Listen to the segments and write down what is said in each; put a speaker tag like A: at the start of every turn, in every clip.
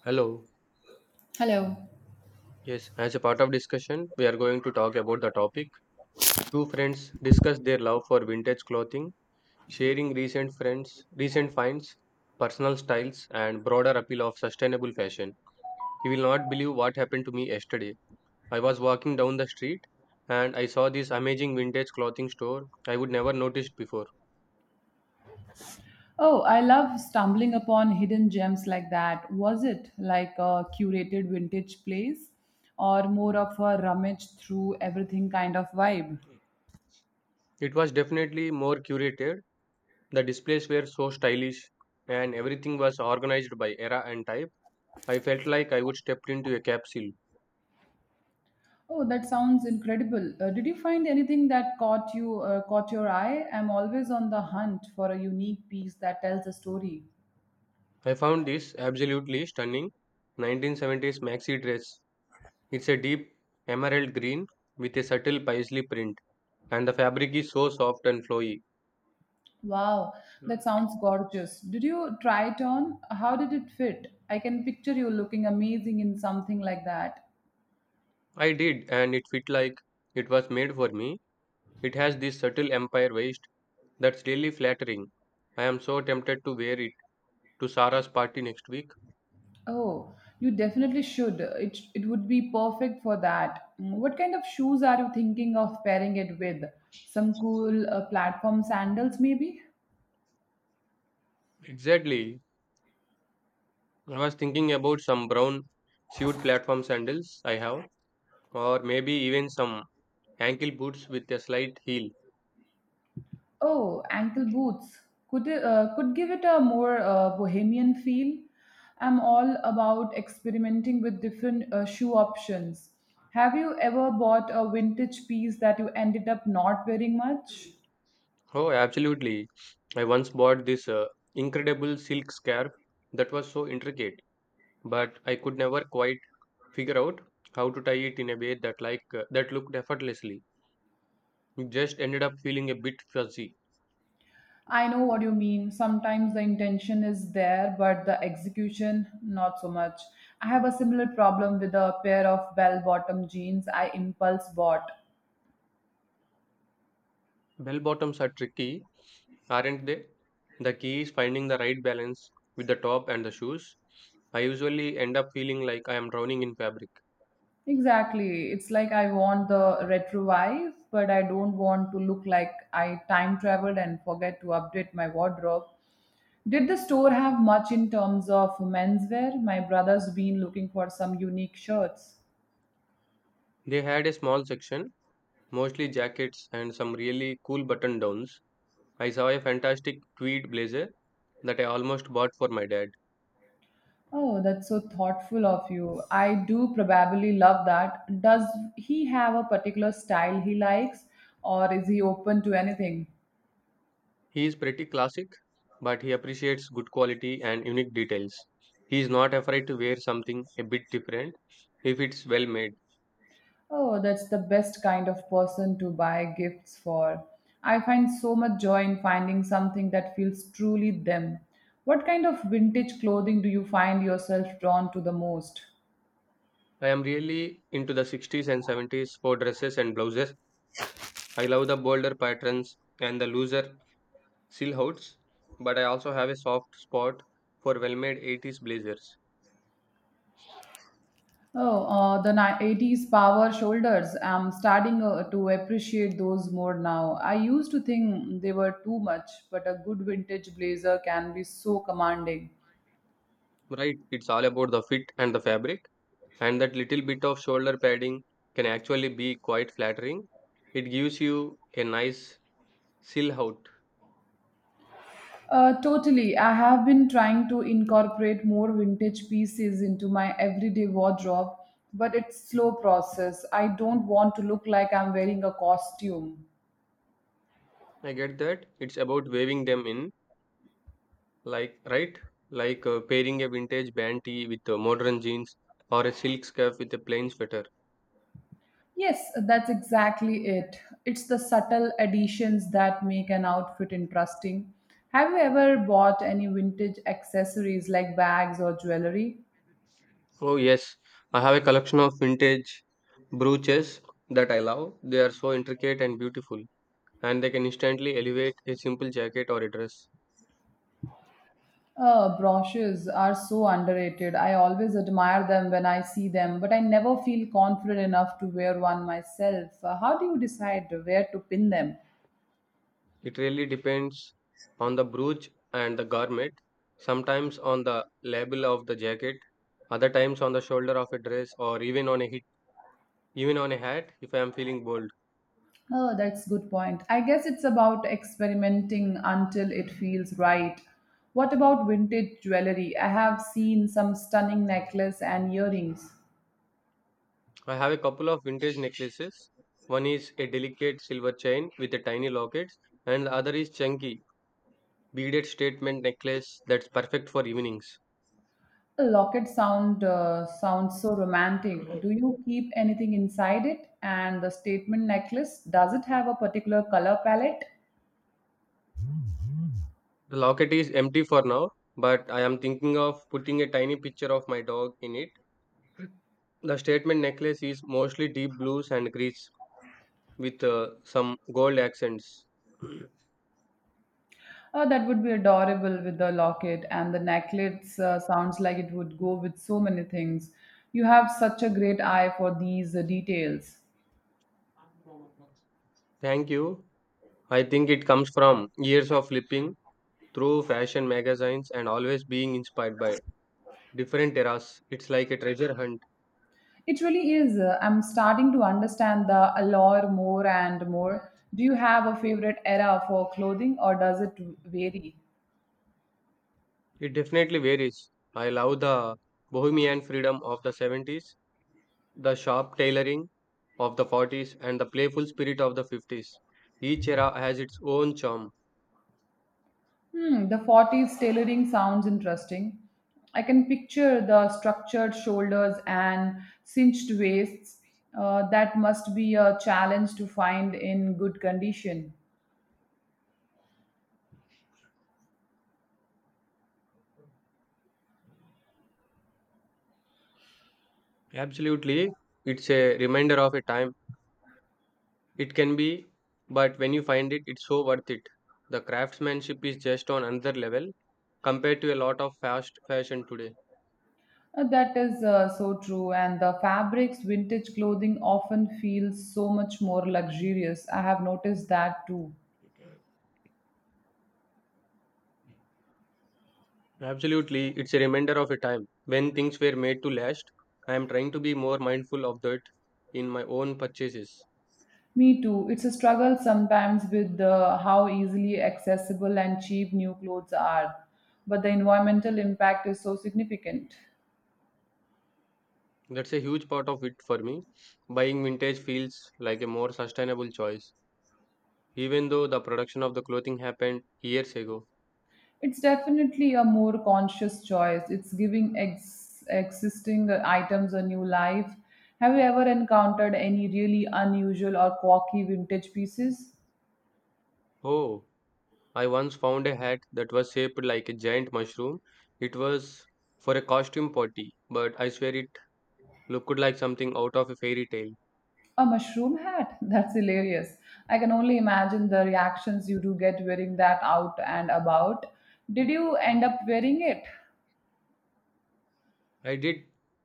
A: Hello.
B: Hello.
A: Yes, as a part of discussion, we are going to talk about the topic. Two friends discuss their love for vintage clothing, sharing recent friends, recent finds, personal styles, and broader appeal of sustainable fashion. You will not believe what happened to me yesterday. I was walking down the street and I saw this amazing vintage clothing store I would never noticed before.
B: Oh, I love stumbling upon hidden gems like that. Was it like a curated vintage place or more of a rummage through everything kind of vibe?
A: It was definitely more curated. The displays were so stylish and everything was organized by era and type. I felt like I would step into a capsule.
B: Oh, that sounds incredible. Did you find anything that caught you caught your eye? I'm always on the hunt for a unique piece that tells a story.
A: I found this absolutely stunning 1970s maxi dress. It's a deep emerald green with a subtle paisley print, and the fabric is so soft and flowy.
B: Wow, that sounds gorgeous. Did you try it on? How did it fit? I can picture you looking amazing in something like that.
A: I did, and it fit like it was made for me. It has this subtle empire waist that's really flattering. I am so tempted to wear it to Sarah's party next week.
B: Oh, you definitely should. It would be perfect for that. Mm, what kind of shoes are you thinking of pairing it with? Some cool platform sandals, maybe?
A: Exactly. I was thinking about some brown suede platform sandals I have, or maybe even some ankle boots with a slight heel.
B: Oh, ankle boots. Could it could give it a more bohemian feel. I'm all about experimenting with different shoe options. Have you ever bought a vintage piece that you ended up not wearing much?
A: Oh, absolutely. I once bought this incredible silk scarf that was so intricate, but I could never quite figure out how to tie it in a way that that looked effortlessly. It just ended up feeling a bit fuzzy.
B: I know what you mean. Sometimes the intention is there, but the execution, not so much. I have a similar problem with a pair of bell bottom jeans I impulse bought.
A: Bell bottoms are tricky, aren't they? The key is finding the right balance with the top and the shoes. I usually end up feeling like I am drowning in fabric.
B: Exactly. It's like I want the retro vibe, but I don't want to look like I time traveled and forget to update my wardrobe. Did the store have much in terms of menswear? My brother's been looking for some unique shirts.
A: They had a small section, mostly jackets and some really cool button downs. I saw a fantastic tweed blazer that I almost bought for my dad.
B: Oh, that's so thoughtful of you. I do probably love that. Does he have a particular style he likes, or is he open to anything?
A: He is pretty classic, but he appreciates good quality and unique details. He is not afraid to wear something a bit different if it's well made.
B: Oh, that's the best kind of person to buy gifts for. I find so much joy in finding something that feels truly them. What kind of vintage clothing do you find yourself drawn to the most?
A: I am really into the 60s and 70s for dresses and blouses. I love the bolder patterns and the looser silhouettes, but I also have a soft spot for well made 80s blazers.
B: 80s power shoulders. I'm starting to appreciate those more now. I used to think they were too much, but a good vintage blazer can be so commanding.
A: Right, it's all about the fit and the fabric, and that little bit of shoulder padding can actually be quite flattering. It gives you a nice silhouette.
B: Totally. I have been trying to incorporate more vintage pieces into my everyday wardrobe, but it's slow process. I don't want to look like I'm wearing a costume.
A: I get that. It's about waving them in, like, right? Like pairing a vintage band tee with modern jeans or a silk scarf with a plain sweater.
B: Yes, that's exactly it. It's the subtle additions that make an outfit interesting. Have you ever bought any vintage accessories like bags or jewelry?
A: Oh, yes, I have a collection of vintage brooches that I love. They are so intricate and beautiful, and they can instantly elevate a simple jacket or a dress.
B: Brooches are so underrated. I always admire them when I see them, but I never feel confident enough to wear one myself. How do you decide where to pin them?
A: It really depends on the brooch and the garment, sometimes on the label of the jacket, other times on the shoulder of a dress or even on a hat if I am feeling bold.
B: Oh, that's good point. I guess it's about experimenting until it feels right. What about vintage jewelry? I have seen some stunning necklace and earrings.
A: I have a couple of vintage necklaces. One is a delicate silver chain with a tiny locket and the other is chunky beaded statement necklace that's perfect for evenings.
B: A locket sounds so romantic. Do you keep anything inside it? And the statement necklace, does it have a particular color palette?
A: The locket is empty for now, but I am thinking of putting a tiny picture of my dog in it. The statement necklace is mostly deep blues and greens with some gold accents.
B: Oh, that would be adorable with the locket, and the necklace sounds like it would go with so many things. You have such a great eye for these details.
A: Thank you. I think it comes from years of flipping through fashion magazines and always being inspired by different eras. It's like a treasure hunt.
B: It really is. I'm starting to understand the allure more and more. Do you have a favorite era for clothing, or does it vary?
A: It definitely varies. I love the bohemian freedom of the 70s, the sharp tailoring of the 40s, and the playful spirit of the 50s. Each era has its own charm.
B: Hmm, the 40s tailoring sounds interesting. I can picture the structured shoulders and cinched waists. That must be a challenge to find in good condition.
A: Absolutely, it's a reminder of a time It can be, but when you find it, it's so worth it. The craftsmanship is just on another level compared to a lot of fast fashion today.
B: That is so true, and the fabrics, vintage clothing often feels so much more luxurious. I have noticed that too.
A: Absolutely, it's a reminder of a time when things were made to last. I am trying to be more mindful of that in my own purchases.
B: Me too. It's a struggle sometimes with the how easily accessible and cheap new clothes are, but the environmental impact is so significant.
A: That's a huge part of it for me. Buying vintage feels like a more sustainable choice, even though the production of the clothing happened years ago.
B: It's definitely a more conscious choice. It's giving existing items a new life. Have you ever encountered any really unusual or quirky vintage pieces?
A: Oh, I once found a hat that was shaped like a giant mushroom. It was for a costume party, but I swear it looked like something out of a fairy tale.
B: A mushroom hat? That's hilarious. I can only imagine the reactions you do get wearing that out and about. Did you end up wearing it?
A: I did,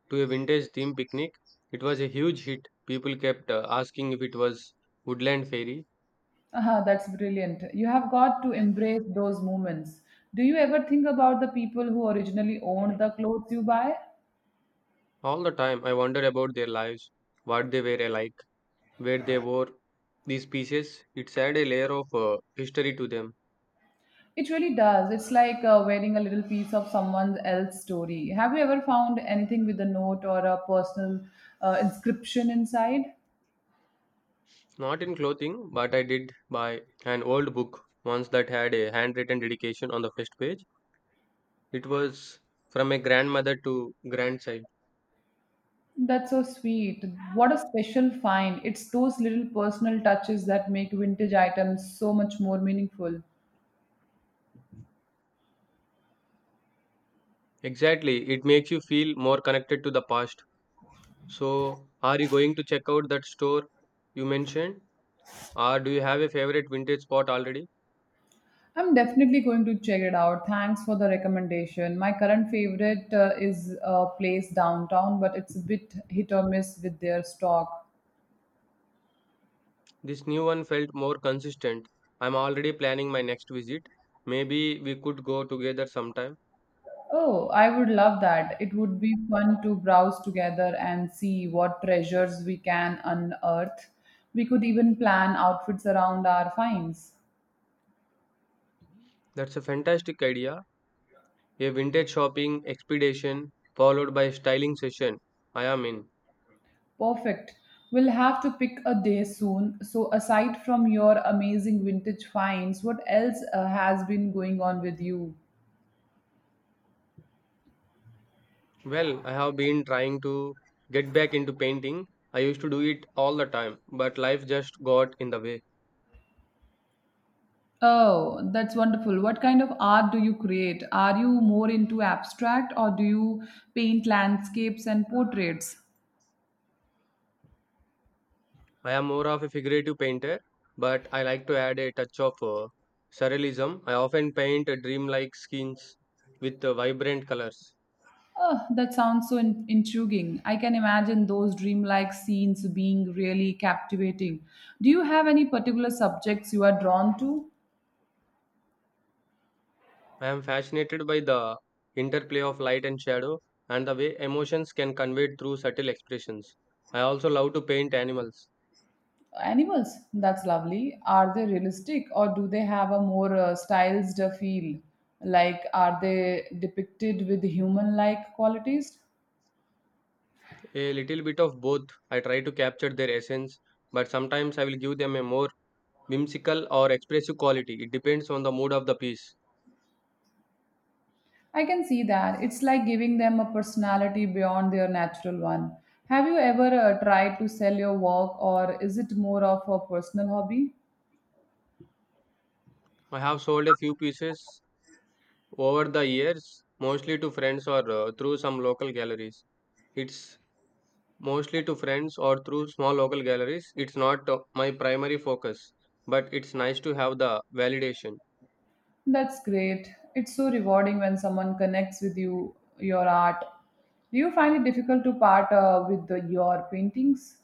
A: to a vintage theme picnic. It was a huge hit. People kept asking if it was woodland fairy.
B: Ah, that's brilliant. You have got to embrace those moments. Do you ever think about the people who originally owned the clothes you buy?
A: All the time, I wonder about their lives, what they were like, where they wore these pieces. It adds a layer of history to them.
B: It really does. It's like wearing a little piece of someone else's story. Have you ever found anything with a note or a personal inscription inside?
A: Not in clothing, but I did buy an old book once that had a handwritten dedication on the first page. It was from a grandmother to grandchild.
B: That's so sweet. What a special find. It's those little personal touches that make vintage items so much more meaningful.
A: Exactly, it makes you feel more connected to the past. So, are you going to check out that store you mentioned? Or do you have a favorite vintage spot already?
B: I'm definitely going to check it out. Thanks for the recommendation. My current favorite is a place downtown, but it's a bit hit or miss with their stock.
A: This new one felt more consistent. I'm already planning my next visit. Maybe we could go together sometime.
B: Oh, I would love that. It would be fun to browse together and see what treasures we can unearth. We could even plan outfits around our finds.
A: That's a fantastic idea. A vintage shopping expedition followed by styling session. I am in.
B: Perfect. We'll have to pick a day soon. So, aside from your amazing vintage finds, what else has been going on with you?
A: Well, I have been trying to get back into painting. I used to do it all the time, but life just got in the way.
B: Oh, that's wonderful. What kind of art do you create? Are you more into abstract, or do you paint landscapes and portraits?
A: I am more of a figurative painter, but I like to add a touch of surrealism. I often paint dreamlike scenes with vibrant colors.
B: Oh, that sounds so intriguing. I can imagine those dreamlike scenes being really captivating. Do you have any particular subjects you are drawn to?
A: I am fascinated by the interplay of light and shadow and the way emotions can convey through subtle expressions. I also love to paint animals.
B: Animals, that's lovely. Are they realistic, or do they have a more stylized feel? Like, are they depicted with human like qualities?
A: A little bit of both. I try to capture their essence, but sometimes I will give them a more whimsical or expressive quality. It depends on the mood of the piece.
B: I can see that. It's like giving them a personality beyond their natural one. Have you ever tried to sell your work, or is it more of a personal hobby?
A: I have sold a few pieces over the years, mostly to friends or through some local galleries. It's mostly to friends or through small local galleries. It's not my primary focus, but it's nice to have the validation.
B: That's great. It's so rewarding when someone connects with you, your art. Do you find it difficult to part with your paintings?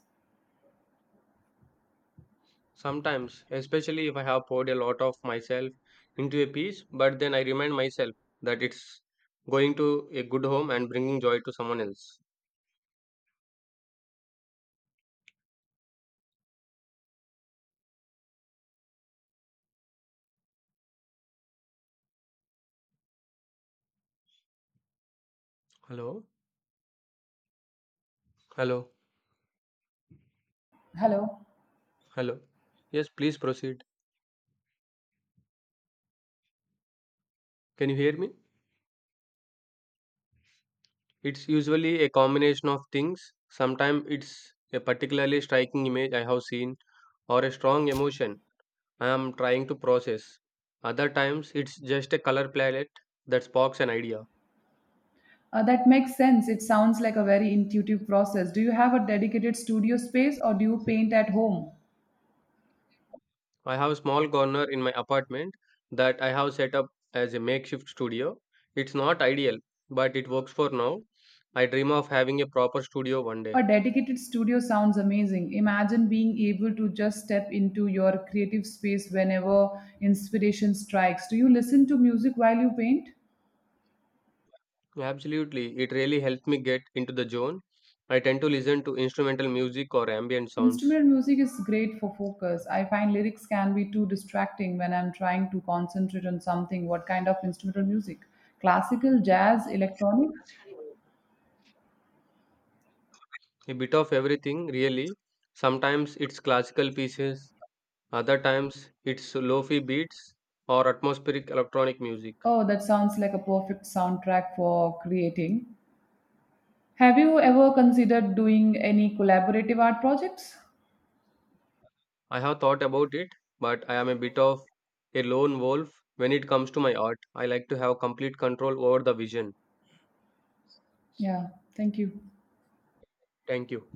A: Sometimes, especially if I have poured a lot of myself into a piece, but then I remind myself that it's going to a good home and bringing joy to someone else. Hello? Hello?
B: Hello.
A: Hello? Yes, please proceed. Can you hear me? It's usually a combination of things. Sometimes it's a particularly striking image I have seen or a strong emotion I am trying to process. Other times, it's just a color palette that sparks an idea.
B: That makes sense. It sounds like a very intuitive process. Do you have a dedicated studio space, or do you paint at home?
A: I have a small corner in my apartment that I have set up as a makeshift studio. It's not ideal, but it works for now. I dream of having a proper studio one day.
B: A dedicated studio sounds amazing. Imagine being able to just step into your creative space whenever inspiration strikes. Do you listen to music while you paint?
A: Absolutely, it really helped me get into the zone. I tend to listen to instrumental music or ambient sounds.
B: Instrumental music is great for focus. I find lyrics can be too distracting when I'm trying to concentrate on something. What kind of instrumental music? Classical, jazz, electronic?
A: A bit of everything, really. Sometimes it's classical pieces, other times it's lofi beats or atmospheric electronic music.
B: Oh, that sounds like a perfect soundtrack for creating. Have you ever considered doing any collaborative art projects?
A: I have thought about it, but I am a bit of a lone wolf when it comes to my art. I like to have complete control over the vision.
B: Yeah, thank you.
A: Thank you.